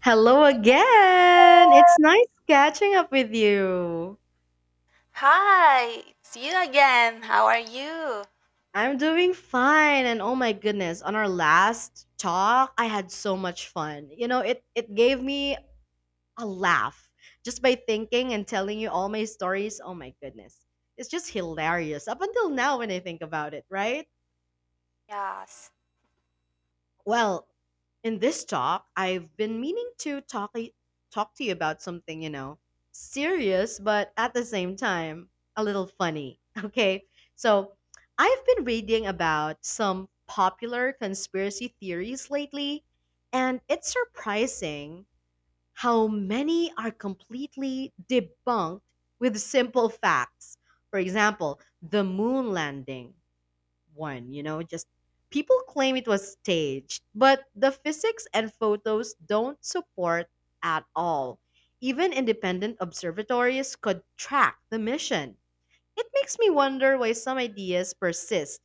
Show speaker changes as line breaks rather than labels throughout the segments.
Hello again. It's nice catching up with you.
Hi, it's you again. How are you?
I'm doing fine and oh my goodness, on our last talk, I had so much fun. You know, it gave me a laugh just by thinking and telling you all my stories. Oh my goodness. It's just hilarious up until now when I think about it, right?
Yes.
Well, in this talk, I've been meaning to talk to you about something, you know, serious but at the same time a little funny. Okay? So, I've been reading about some popular conspiracy theories lately, and it's surprising how many are completely debunked with simple facts. For example, the moon landing one, you know, just people claim it was staged, but the physics and photos don't support at all. Even independent observatories could track the mission. It makes me wonder why some ideas persist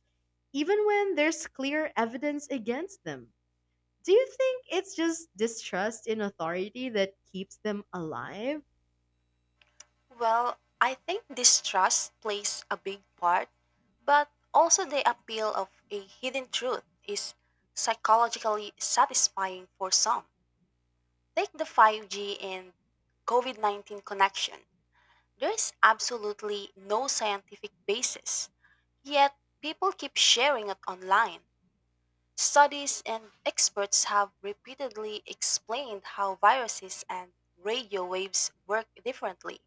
even when there's clear evidence against them. Do you think it's just distrust in authority that keeps them alive?
Well, I think distrust plays a big part, but also the appeal of a hidden truth is psychologically satisfying for some. Take the 5G and COVID 19 connection. There is absolutely no scientific basis, yet people keep sharing it online. Studies and experts have repeatedly explained how viruses and radio waves work differently.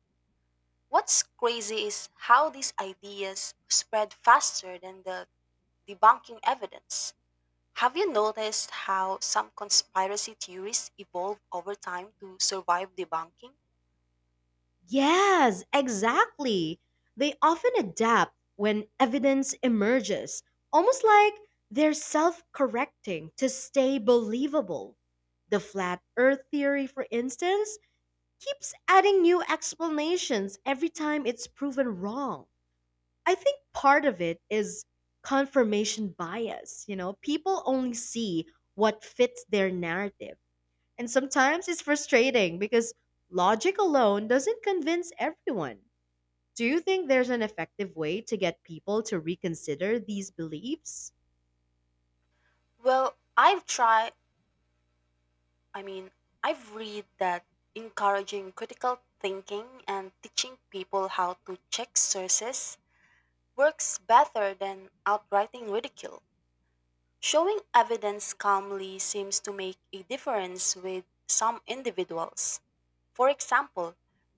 What's crazy is how these ideas spread faster than the debunking evidence. Have you noticed how some conspiracy theories evolve over time to survive debunking?
Yes, exactly. They often adapt when evidence emerges, almost like they're self correcting to stay believable. The flat earth theory, for instance, keeps adding new explanations every time it's proven wrong. I think part of it is confirmation bias. You know, people only see what fits their narrative. And sometimes it's frustrating because logic alone doesn't convince everyone. Do you think there's an effective way to get people to reconsider these beliefs?
Well, I've tried, I mean, I've read that encouraging critical thinking and teaching people how to check sources works better than outrighting ridicule. Showing evidence calmly seems to make a difference with some individuals. For example,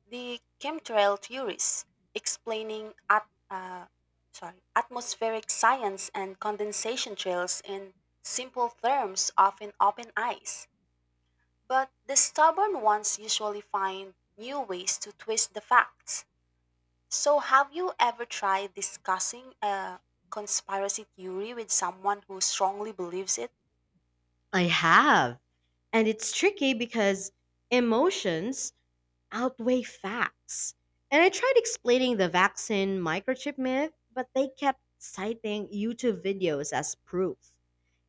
the chemtrail theories explaining atmospheric science and condensation trails in simple terms often open eyes. But the stubborn ones usually find new ways to twist the facts. So, have you ever tried discussing a conspiracy theory with someone who strongly believes it?
I have. And it's tricky because emotions outweigh facts. And I tried explaining the vaccine microchip myth, but they kept citing YouTube videos as proof.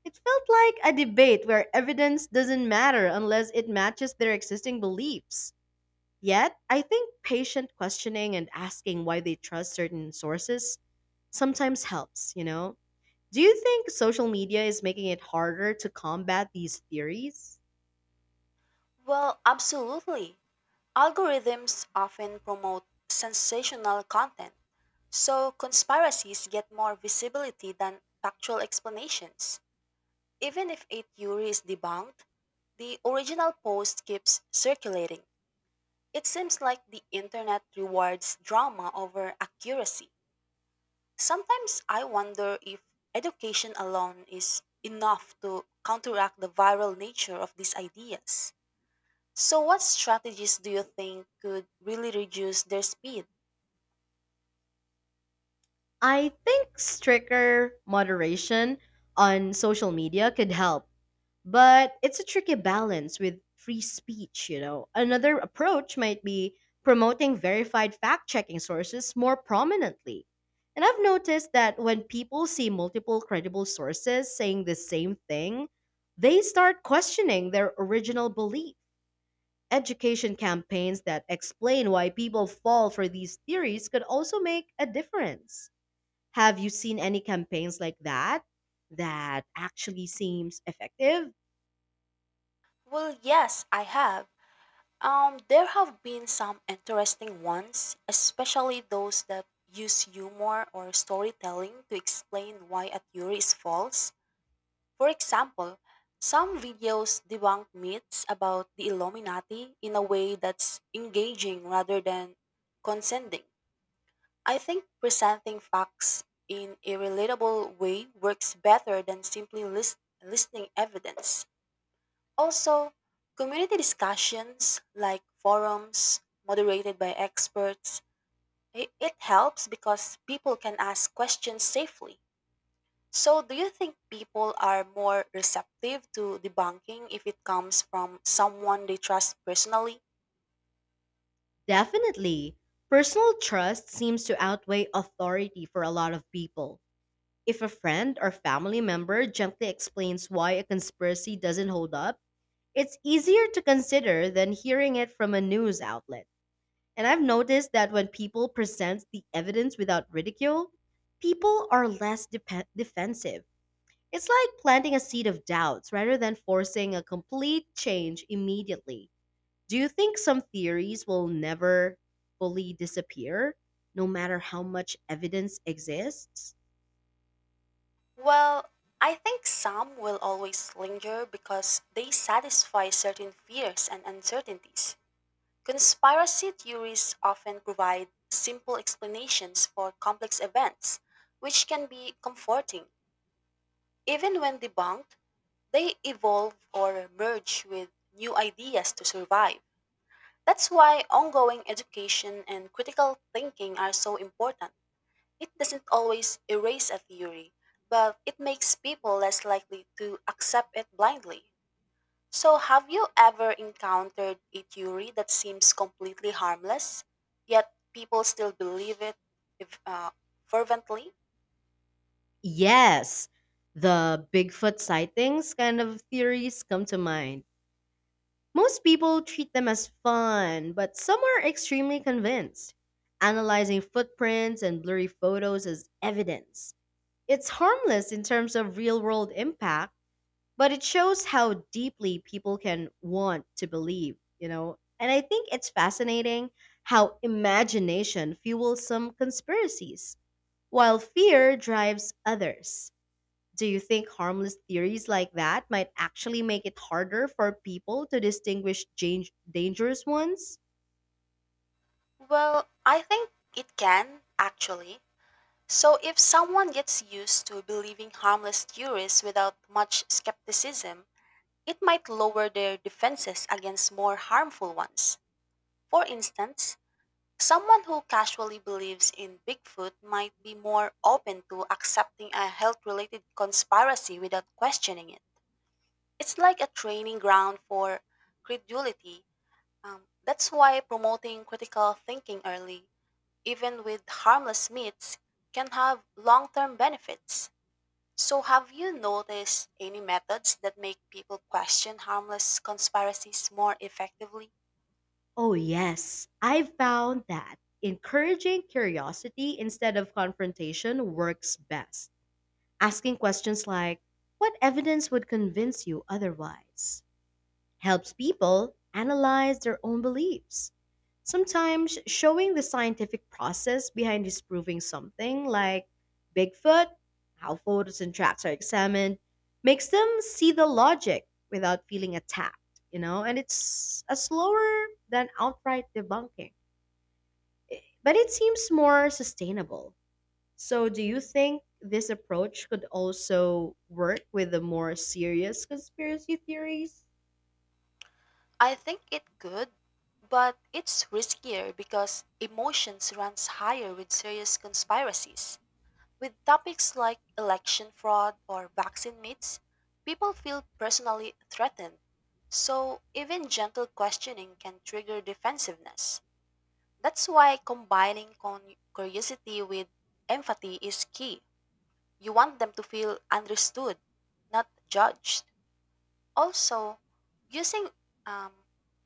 It felt like a debate where evidence doesn't matter unless it matches their existing beliefs. Yet, I think patient questioning and asking why they trust certain sources sometimes helps, you know? Do you think social media is making it harder to combat these theories?
Well, absolutely. Algorithms often promote sensational content, so conspiracies get more visibility than factual explanations. Even if a theory is debunked, the original post keeps circulating. It seems like the internet rewards drama over accuracy. Sometimes I wonder if education alone is enough to counteract the viral nature of these ideas. So, what strategies do you think could really reduce their speed?
I think stricter moderation on social media could help, but it's a tricky balance with free speech, you know. Another approach might be promoting verified fact checking sources more prominently. And I've noticed that when people see multiple credible sources saying the same thing, they start questioning their original belief. Education campaigns that explain why people fall for these theories could also make a difference. Have you seen any campaigns like that that actually seems effective?
Well, yes, I have. There have been some interesting ones, especially those that use humor or storytelling to explain why a theory is false. For example, some videos debunk myths about the Illuminati in a way that's engaging rather than condescending. I think presenting facts in a relatable way works better than simply listing evidence. Also, community discussions like forums moderated by experts, it helps because people can ask questions safely. So, do you think people are more receptive to debunking if it comes from someone they trust personally?
Definitely. Personal trust seems to outweigh authority for a lot of people. If a friend or family member gently explains why a conspiracy doesn't hold up, it's easier to consider than hearing it from a news outlet. And I've noticed that when people present the evidence without ridicule, people are less defensive. It's like planting a seed of doubts rather than forcing a complete change immediately. Do you think some theories will never fully disappear, no matter how much evidence exists?
Well, I think some will always linger because they satisfy certain fears and uncertainties. Conspiracy theories often provide simple explanations for complex events, which can be comforting. Even when debunked, they evolve or merge with new ideas to survive. That's why ongoing education and critical thinking are so important. It doesn't always erase a theory, but it makes people less likely to accept it blindly. So, have you ever encountered a theory that seems completely harmless, yet people still believe it if, fervently?
Yes, the Bigfoot sightings kind of theories come to mind. Most people treat them as fun, but some are extremely convinced, analyzing footprints and blurry photos as evidence. It's harmless in terms of real world impact, but it shows how deeply people can want to believe, you know? And I think it's fascinating how imagination fuels some conspiracies, while fear drives others. Do you think harmless theories like that might actually make it harder for people to distinguish dangerous ones?
Well, I think it can, actually. So, if someone gets used to believing harmless theories without much skepticism, it might lower their defenses against more harmful ones. For instance, someone who casually believes in Bigfoot might be more open to accepting a health related conspiracy without questioning it. It's like a training ground for credulity. That's why promoting critical thinking early, even with harmless myths, can have long term benefits. So, have you noticed any methods that make people question harmless conspiracies more effectively?
Oh, yes, I've found that encouraging curiosity instead of confrontation works best. Asking questions like, what evidence would convince you otherwise? Helps people analyze their own beliefs. Sometimes showing the scientific process behind disproving something, like Bigfoot, how photos and tracks are examined, makes them see the logic without feeling attacked, you know, and it's a slower than outright debunking. But it seems more sustainable. So, do you think this approach could also work with the more serious conspiracy theories?
I think it could, but it's riskier because emotions runs higher with serious conspiracies. With topics like election fraud or vaccine myths, people feel personally threatened. So, even gentle questioning can trigger defensiveness. That's why combining curiosity with empathy is key. You want them to feel understood, not judged. Also, using um,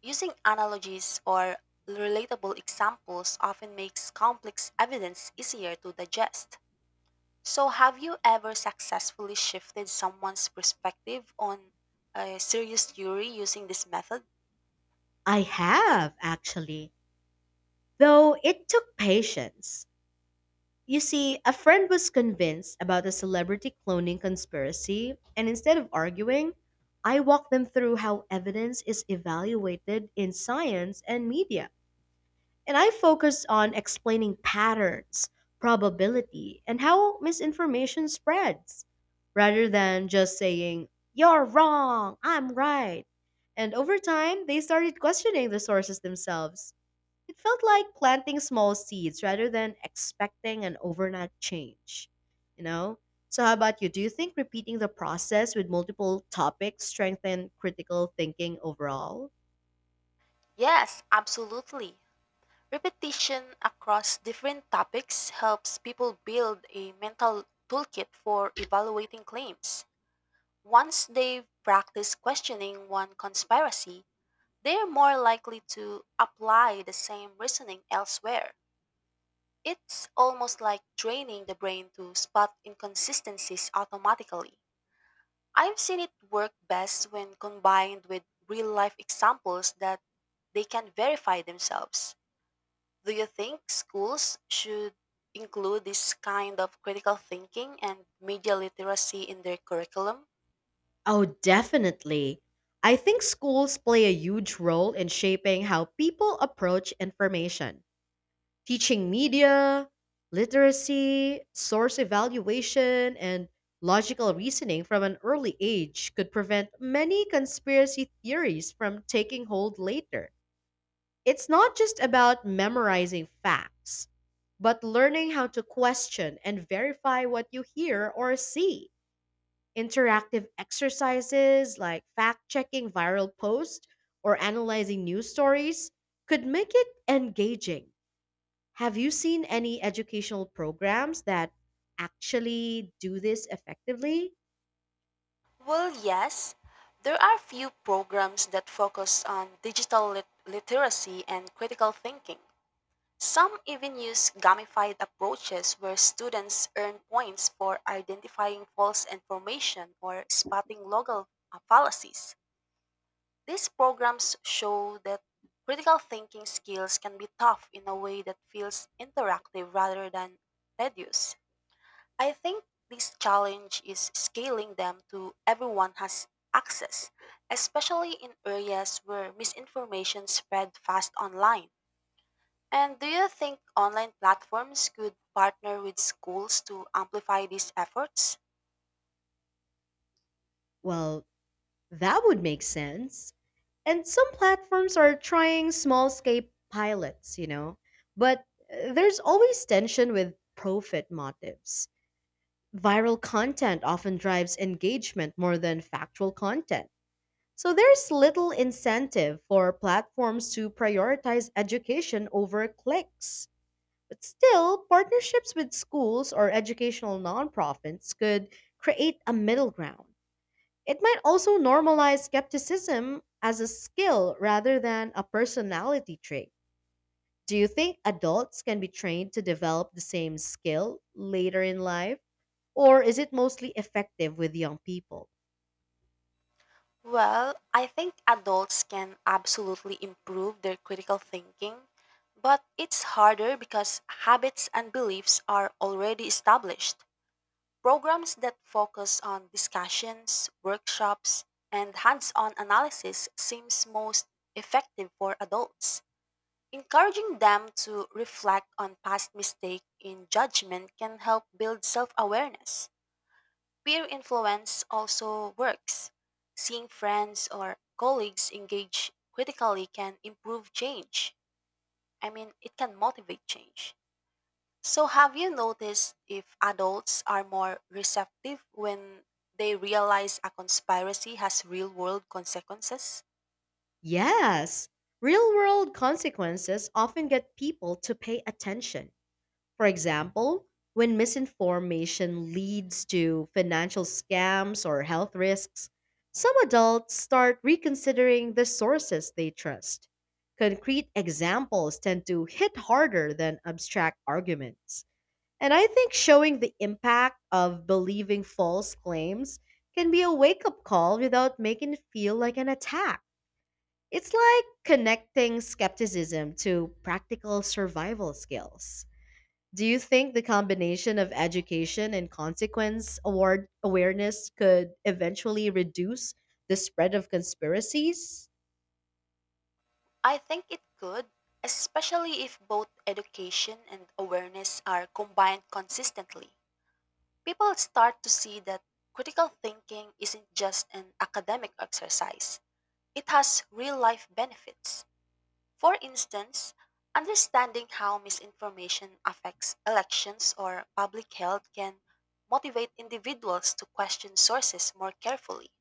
using analogies or relatable examples often makes complex evidence easier to digest. So, have you ever successfully shifted someone's perspective on a serious theory using this method?
I have, actually. Though it took patience. You see, a friend was convinced about the celebrity cloning conspiracy, and instead of arguing, I walked them through how evidence is evaluated in science and media. And I focused on explaining patterns, probability, and how misinformation spreads, rather than just saying, you're wrong, I'm right. And over time, they started questioning the sources themselves. It felt like planting small seeds rather than expecting an overnight change, you know? So, how about you? Do you think repeating the process with multiple topics strengthen critical thinking overall?
Yes, absolutely. Repetition across different topics helps people build a mental toolkit for evaluating claims. Once they've practiced questioning one conspiracy, they're more likely to apply the same reasoning elsewhere. It's almost like training the brain to spot inconsistencies automatically. I've seen it work best when combined with real life examples that they can verify themselves. Do you think schools should include this kind of critical thinking and media literacy in their curriculum?
Oh, definitely. I think schools play a huge role in shaping how people approach information. Teaching media, literacy, source evaluation, and logical reasoning from an early age could prevent many conspiracy theories from taking hold later. It's not just about memorizing facts, but learning how to question and verify what you hear or see. Interactive exercises like fact checking viral posts or analyzing news stories could make it engaging. Have you seen any educational programs that actually do this effectively?
Well, yes, there are few programs that focus on digital literacy and critical thinking. Some even use gamified approaches where students earn points for identifying false information or spotting local fallacies. These programs show that critical thinking skills can be taught in a way that feels interactive rather than tedious. I think this challenge is scaling them to everyone has access, especially in areas where misinformation spread fast online. And do you think online platforms could partner with schools to amplify these efforts?
Well, that would make sense. And some platforms are trying small scale pilots, you know. But there's always tension with profit motives. Viral content often drives engagement more than factual content. So there's little incentive for platforms to prioritize education over clicks. But still, partnerships with schools or educational nonprofits could create a middle ground. It might also normalize skepticism as a skill rather than a personality trait. Do you think adults can be trained to develop the same skill later in life? Or is it mostly effective with young people?
Well, I think adults can absolutely improve their critical thinking, but it's harder because habits and beliefs are already established. Programs that focus on discussions, workshops, and hands-on analysis seems most effective for adults. Encouraging them to reflect on past mistakes in judgment can help build self-awareness. Peer influence also works. Seeing friends or colleagues engage critically can improve change. I mean, it can motivate change. So, have you noticed if adults are more receptive when they realize a conspiracy has real world consequences?
Yes, real world consequences often get people to pay attention. For example, when misinformation leads to financial scams or health risks, some adults start reconsidering the sources they trust. Concrete examples tend to hit harder than abstract arguments. And I think showing the impact of believing false claims can be a wake up call without making it feel like an attack. It's like connecting skepticism to practical survival skills. Do you think the combination of education and consequence award awareness could eventually reduce the spread of conspiracies?
I think it could, especially if both education and awareness are combined consistently. People start to see that critical thinking isn't just an academic exercise, it has real life benefits. For instance, understanding how misinformation affects elections or public health can motivate individuals to question sources more carefully.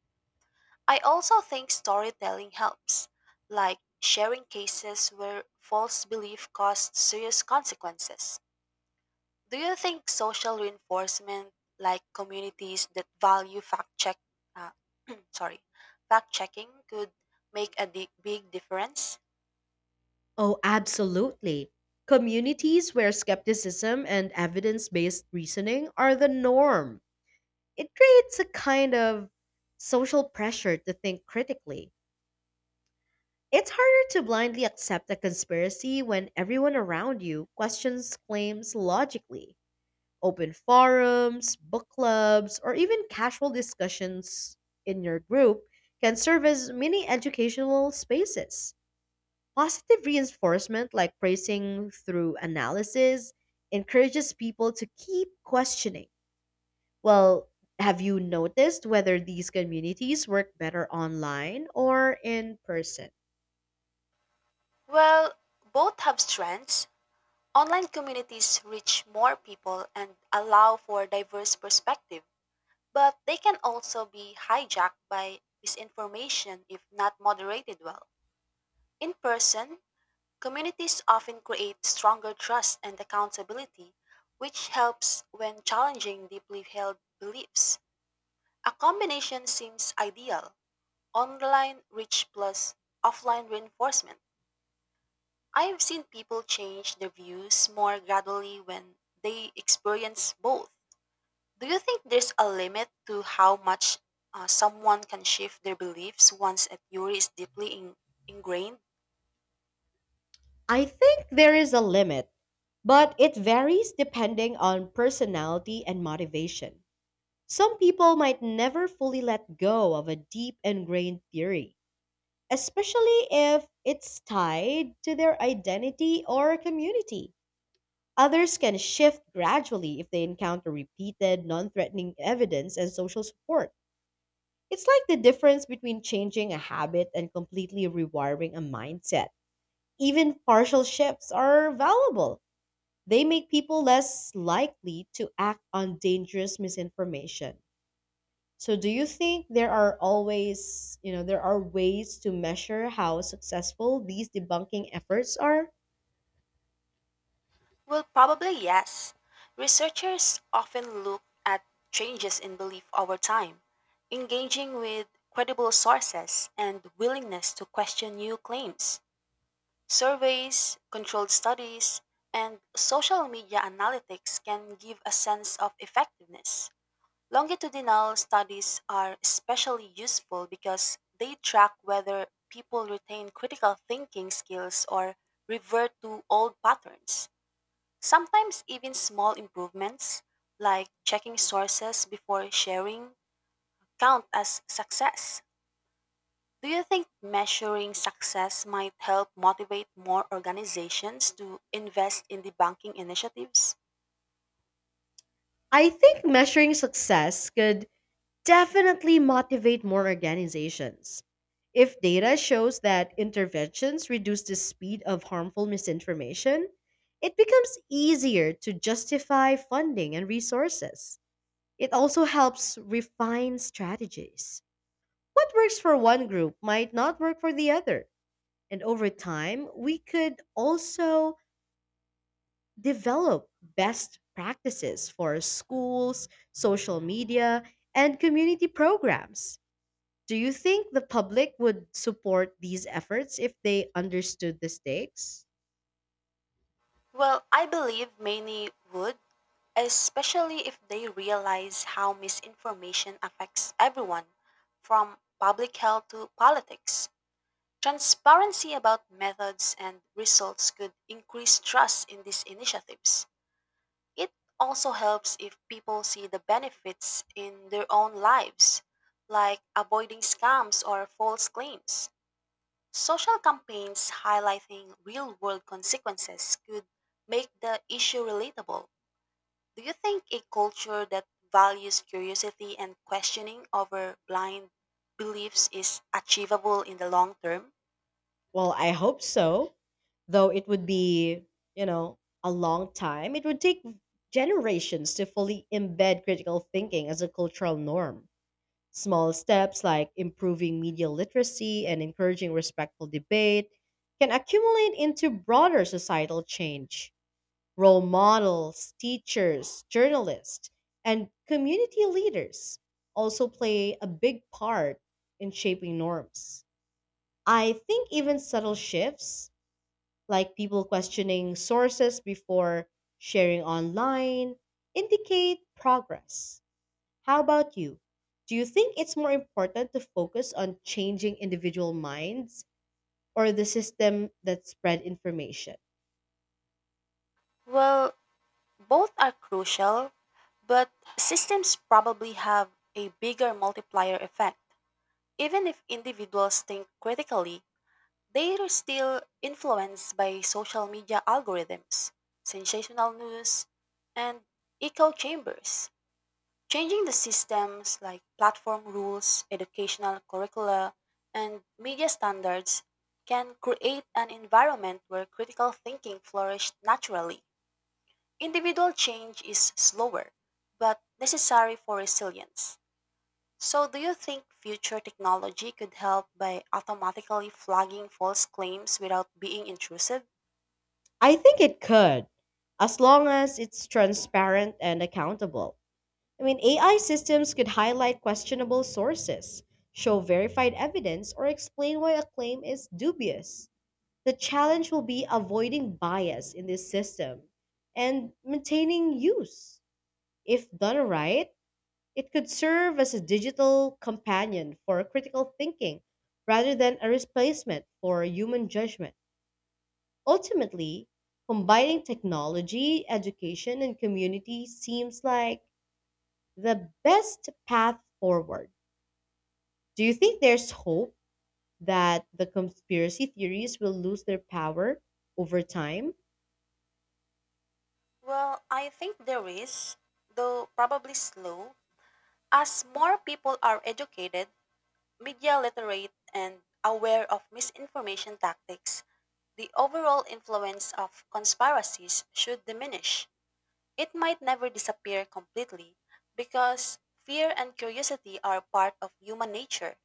I also think storytelling helps, like sharing cases where false belief caused serious consequences. Do you think social reinforcement, like communities that value uh, sorry, fact checking, could make a big difference?
Oh, absolutely. Communities where skepticism and evidence based reasoning are the norm. It creates a kind of social pressure to think critically. It's harder to blindly accept a conspiracy when everyone around you questions claims logically. Open forums, book clubs, or even casual discussions in your group can serve as mini educational spaces. Positive reinforcement, like praising through analysis, encourages people to keep questioning. Well, have you noticed whether these communities work better online or in person?
Well, both have strengths. Online communities reach more people and allow for diverse perspective, but they can also be hijacked by misinformation if not moderated well. In person, communities often create stronger trust and accountability, which helps when challenging deeply held beliefs. A combination seems ideal, online reach plus offline reinforcement. I've seen people change their views more gradually when they experience both. Do you think there's a limit to how much someone can shift their beliefs once a theory is deeply ingrained?
I think there is a limit, but it varies depending on personality and motivation. Some people might never fully let go of a deep ingrained theory, especially if it's tied to their identity or community. Others can shift gradually if they encounter repeated, non threatening evidence and social support. It's like the difference between changing a habit and completely rewiring a mindset. Even partial shifts are valuable, they make people less likely to act on dangerous misinformation. So do you think there are always, you know, there are ways to measure how successful these debunking efforts are?
Well, probably yes. Researchers often look at changes in belief over time, engaging with credible sources and willingness to question new claims. Surveys, controlled studies, and social media analytics can give a sense of effectiveness. Longitudinal studies are especially useful because they track whether people retain critical thinking skills or revert to old patterns. Sometimes, even small improvements, like checking sources before sharing, count as success. Do you think measuring success might help motivate more organizations to invest in debunking initiatives?
I think measuring success could definitely motivate more organizations. If data shows that interventions reduce the speed of harmful misinformation, it becomes easier to justify funding and resources. It also helps refine strategies. What works for one group might not work for the other. And over time, we could also develop best practices for schools, social media, and community programs. Do you think the public would support these efforts if they understood the stakes?
Well, I believe many would, especially if they realize how misinformation affects everyone, from public health to politics. Transparency about methods and results could increase trust in these initiatives. It also helps if people see the benefits in their own lives, like avoiding scams or false claims. Social campaigns highlighting real world consequences could make the issue relatable. Do you think a culture that values curiosity and questioning over blind beliefs is achievable in the long term?
Well, I hope so, though it would be, you know, a long time. It would take generations to fully embed critical thinking as a cultural norm. Small steps like improving media literacy and encouraging respectful debate can accumulate into broader societal change. Role models, teachers, journalists, and community leaders also play a big part in shaping norms. I think even subtle shifts, like people questioning sources before sharing online, indicate progress. How about you? Do you think it's more important to focus on changing individual minds or the system that spread information?
Well, both are crucial, but systems probably have a bigger multiplier effect. Even if individuals think critically, they are still influenced by social media algorithms, sensational news, and echo chambers. Changing the systems like platform rules, educational curricula, and media standards can create an environment where critical thinking flourishes naturally. Individual change is slower, but necessary for resilience. So, do you think future technology could help by automatically flagging false claims without being intrusive?
I think it could, as long as it's transparent and accountable. I mean, AI systems could highlight questionable sources, show verified evidence, or explain why a claim is dubious. The challenge will be avoiding bias in this system and maintaining use. If done right, it could serve as a digital companion for critical thinking rather than a replacement for human judgment. Ultimately, combining technology, education, and community seems like the best path forward. Do you think there's hope that the conspiracy theories will lose their power over time?
Well, I think there is, though probably slow, as more people are educated, media literate, and aware of misinformation tactics. The overall influence of conspiracies should diminish. It might never disappear completely because fear and curiosity are part of human nature,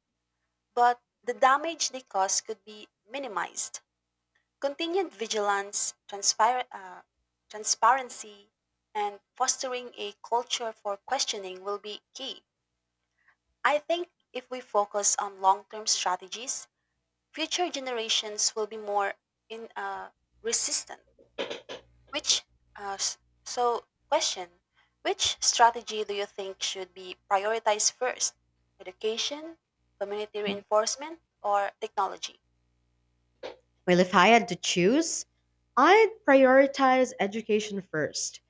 but the damage they cause could be minimized. Continued vigilance, transparency, and fostering a culture for questioning will be key. I think if we focus on long term strategies, future generations will be more in, uh, resistant. Which, s- so, question Which strategy do you think should be prioritized first? Education, community reinforcement, or technology?
Well, if I had to choose, I'd prioritize education first.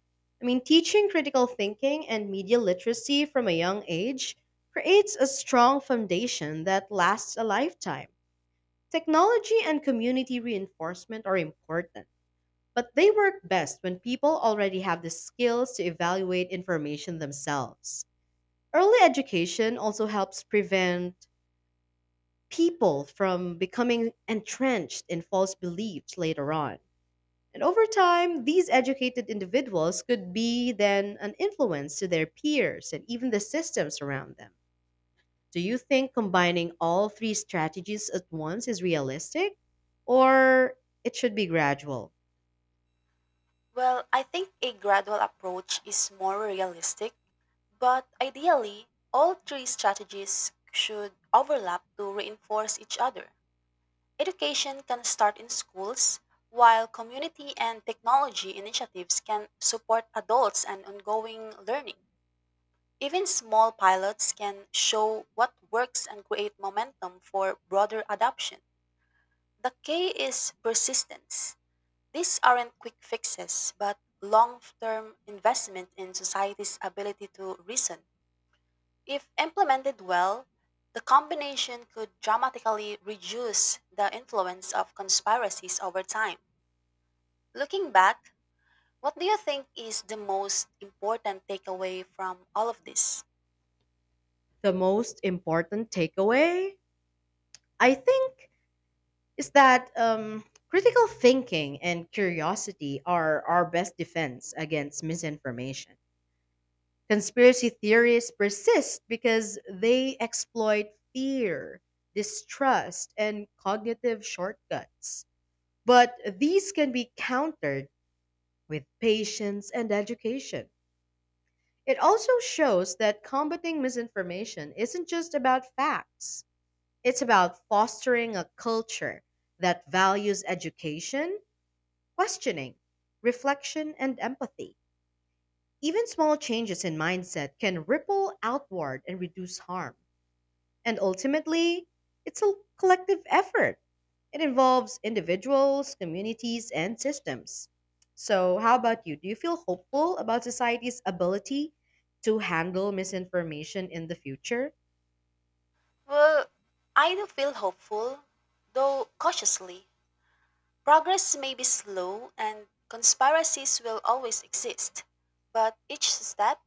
I mean, teaching critical thinking and media literacy from a young age creates a strong foundation that lasts a lifetime. Technology and community reinforcement are important, but they work best when people already have the skills to evaluate information themselves. Early education also helps prevent people from becoming entrenched in false beliefs later on. And over time, these educated individuals could be then an influence to their peers and even the systems around them. Do you think combining all three strategies at once is realistic? Or it should be gradual?
Well, I think a gradual approach is more realistic, but ideally, all three strategies should overlap to reinforce each other. Education can start in schools, while community and technology initiatives can support adults and ongoing learning. Even small pilots can show what works and create momentum for broader adoption. The key is persistence, these aren't quick fixes, but long term investment in society's ability to reason. If implemented well, the combination could dramatically reduce the influence of conspiracies over time. Looking back, what do you think is the most important takeaway from all of this?
The most important takeaway, I think, is that critical thinking and curiosity are our best defense against misinformation. Conspiracy theories persist because they exploit fear, distrust, and cognitive shortcuts. But these can be countered with patience and education. It also shows that combating misinformation isn't just about facts, it's about fostering a culture that values education, questioning, reflection, and empathy. Even small changes in mindset can ripple outward and reduce harm. And ultimately, it's a collective effort. It involves individuals, communities, and systems. So, how about you? Do you feel hopeful about society's ability to handle misinformation in the future?
Well, I do feel hopeful, though cautiously. Progress may be slow and conspiracies will always exist, but each step,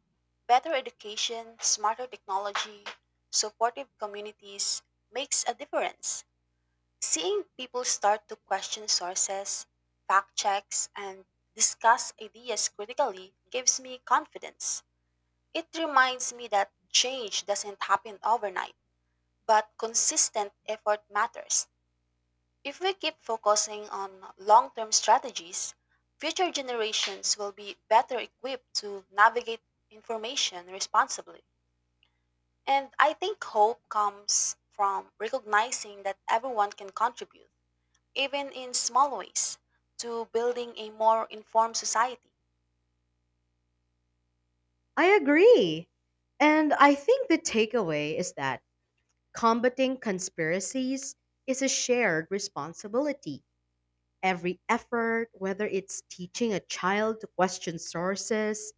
better education, smarter technology, supportive communities, makes a difference. Seeing people start to question sources, fact checks, and discuss ideas critically gives me confidence. It reminds me that change doesn't happen overnight, but consistent effort matters. If we keep focusing on long term strategies, future generations will be better equipped to navigate information responsibly. And I think hope comes from recognizing that everyone can contribute, even in small ways, to building a more informed society.
I agree. And I think the takeaway is that combating conspiracies is a shared responsibility. Every effort, whether it's teaching a child to question sources,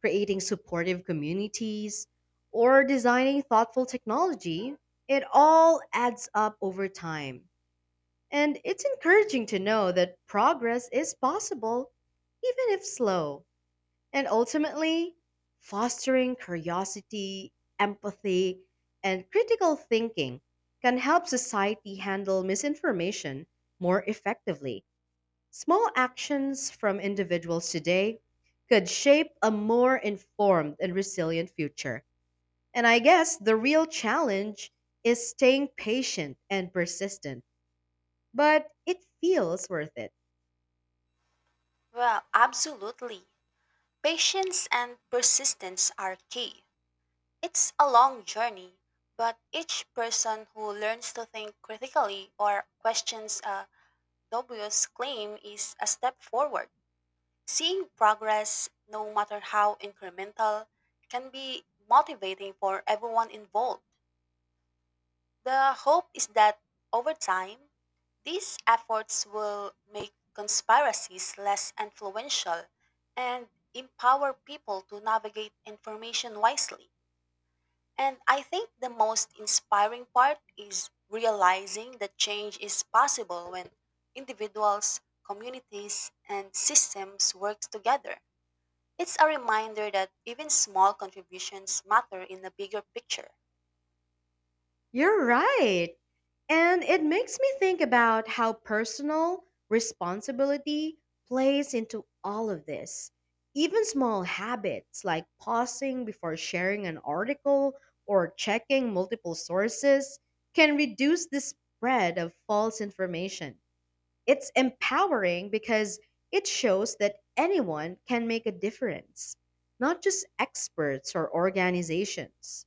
creating supportive communities, or designing thoughtful technology, it all adds up over time. And it's encouraging to know that progress is possible, even if slow. And ultimately, fostering curiosity, empathy, and critical thinking can help society handle misinformation more effectively. Small actions from individuals today could shape a more informed and resilient future. And I guess the real challenge is staying patient and persistent, but it feels worth it.
Well, absolutely. Patience and persistence are key. It's a long journey, but each person who learns to think critically or questions Dobio's claim is a step forward. Seeing progress, no matter how incremental, can be motivating for everyone involved. The hope is that over time, these efforts will make conspiracies less influential and empower people to navigate information wisely. And I think the most inspiring part is realizing that change is possible when individuals, communities, and systems work together. It's a reminder that even small contributions matter in the bigger picture.
You're right. And it makes me think about how personal responsibility plays into all of this. Even small habits like pausing before sharing an article or checking multiple sources can reduce the spread of false information. It's empowering because it shows that anyone can make a difference, not just experts or organizations.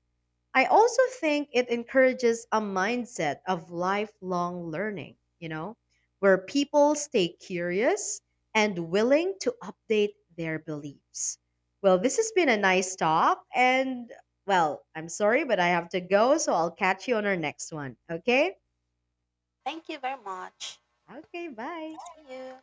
I also think it encourages a mindset of lifelong learning, you know, where people stay curious and willing to update their beliefs. Well, this has been a nice talk. And, well, I'm sorry, but I have to go. So I'll catch you on our next one. Okay?
Thank you very much.
Okay, bye.
See you.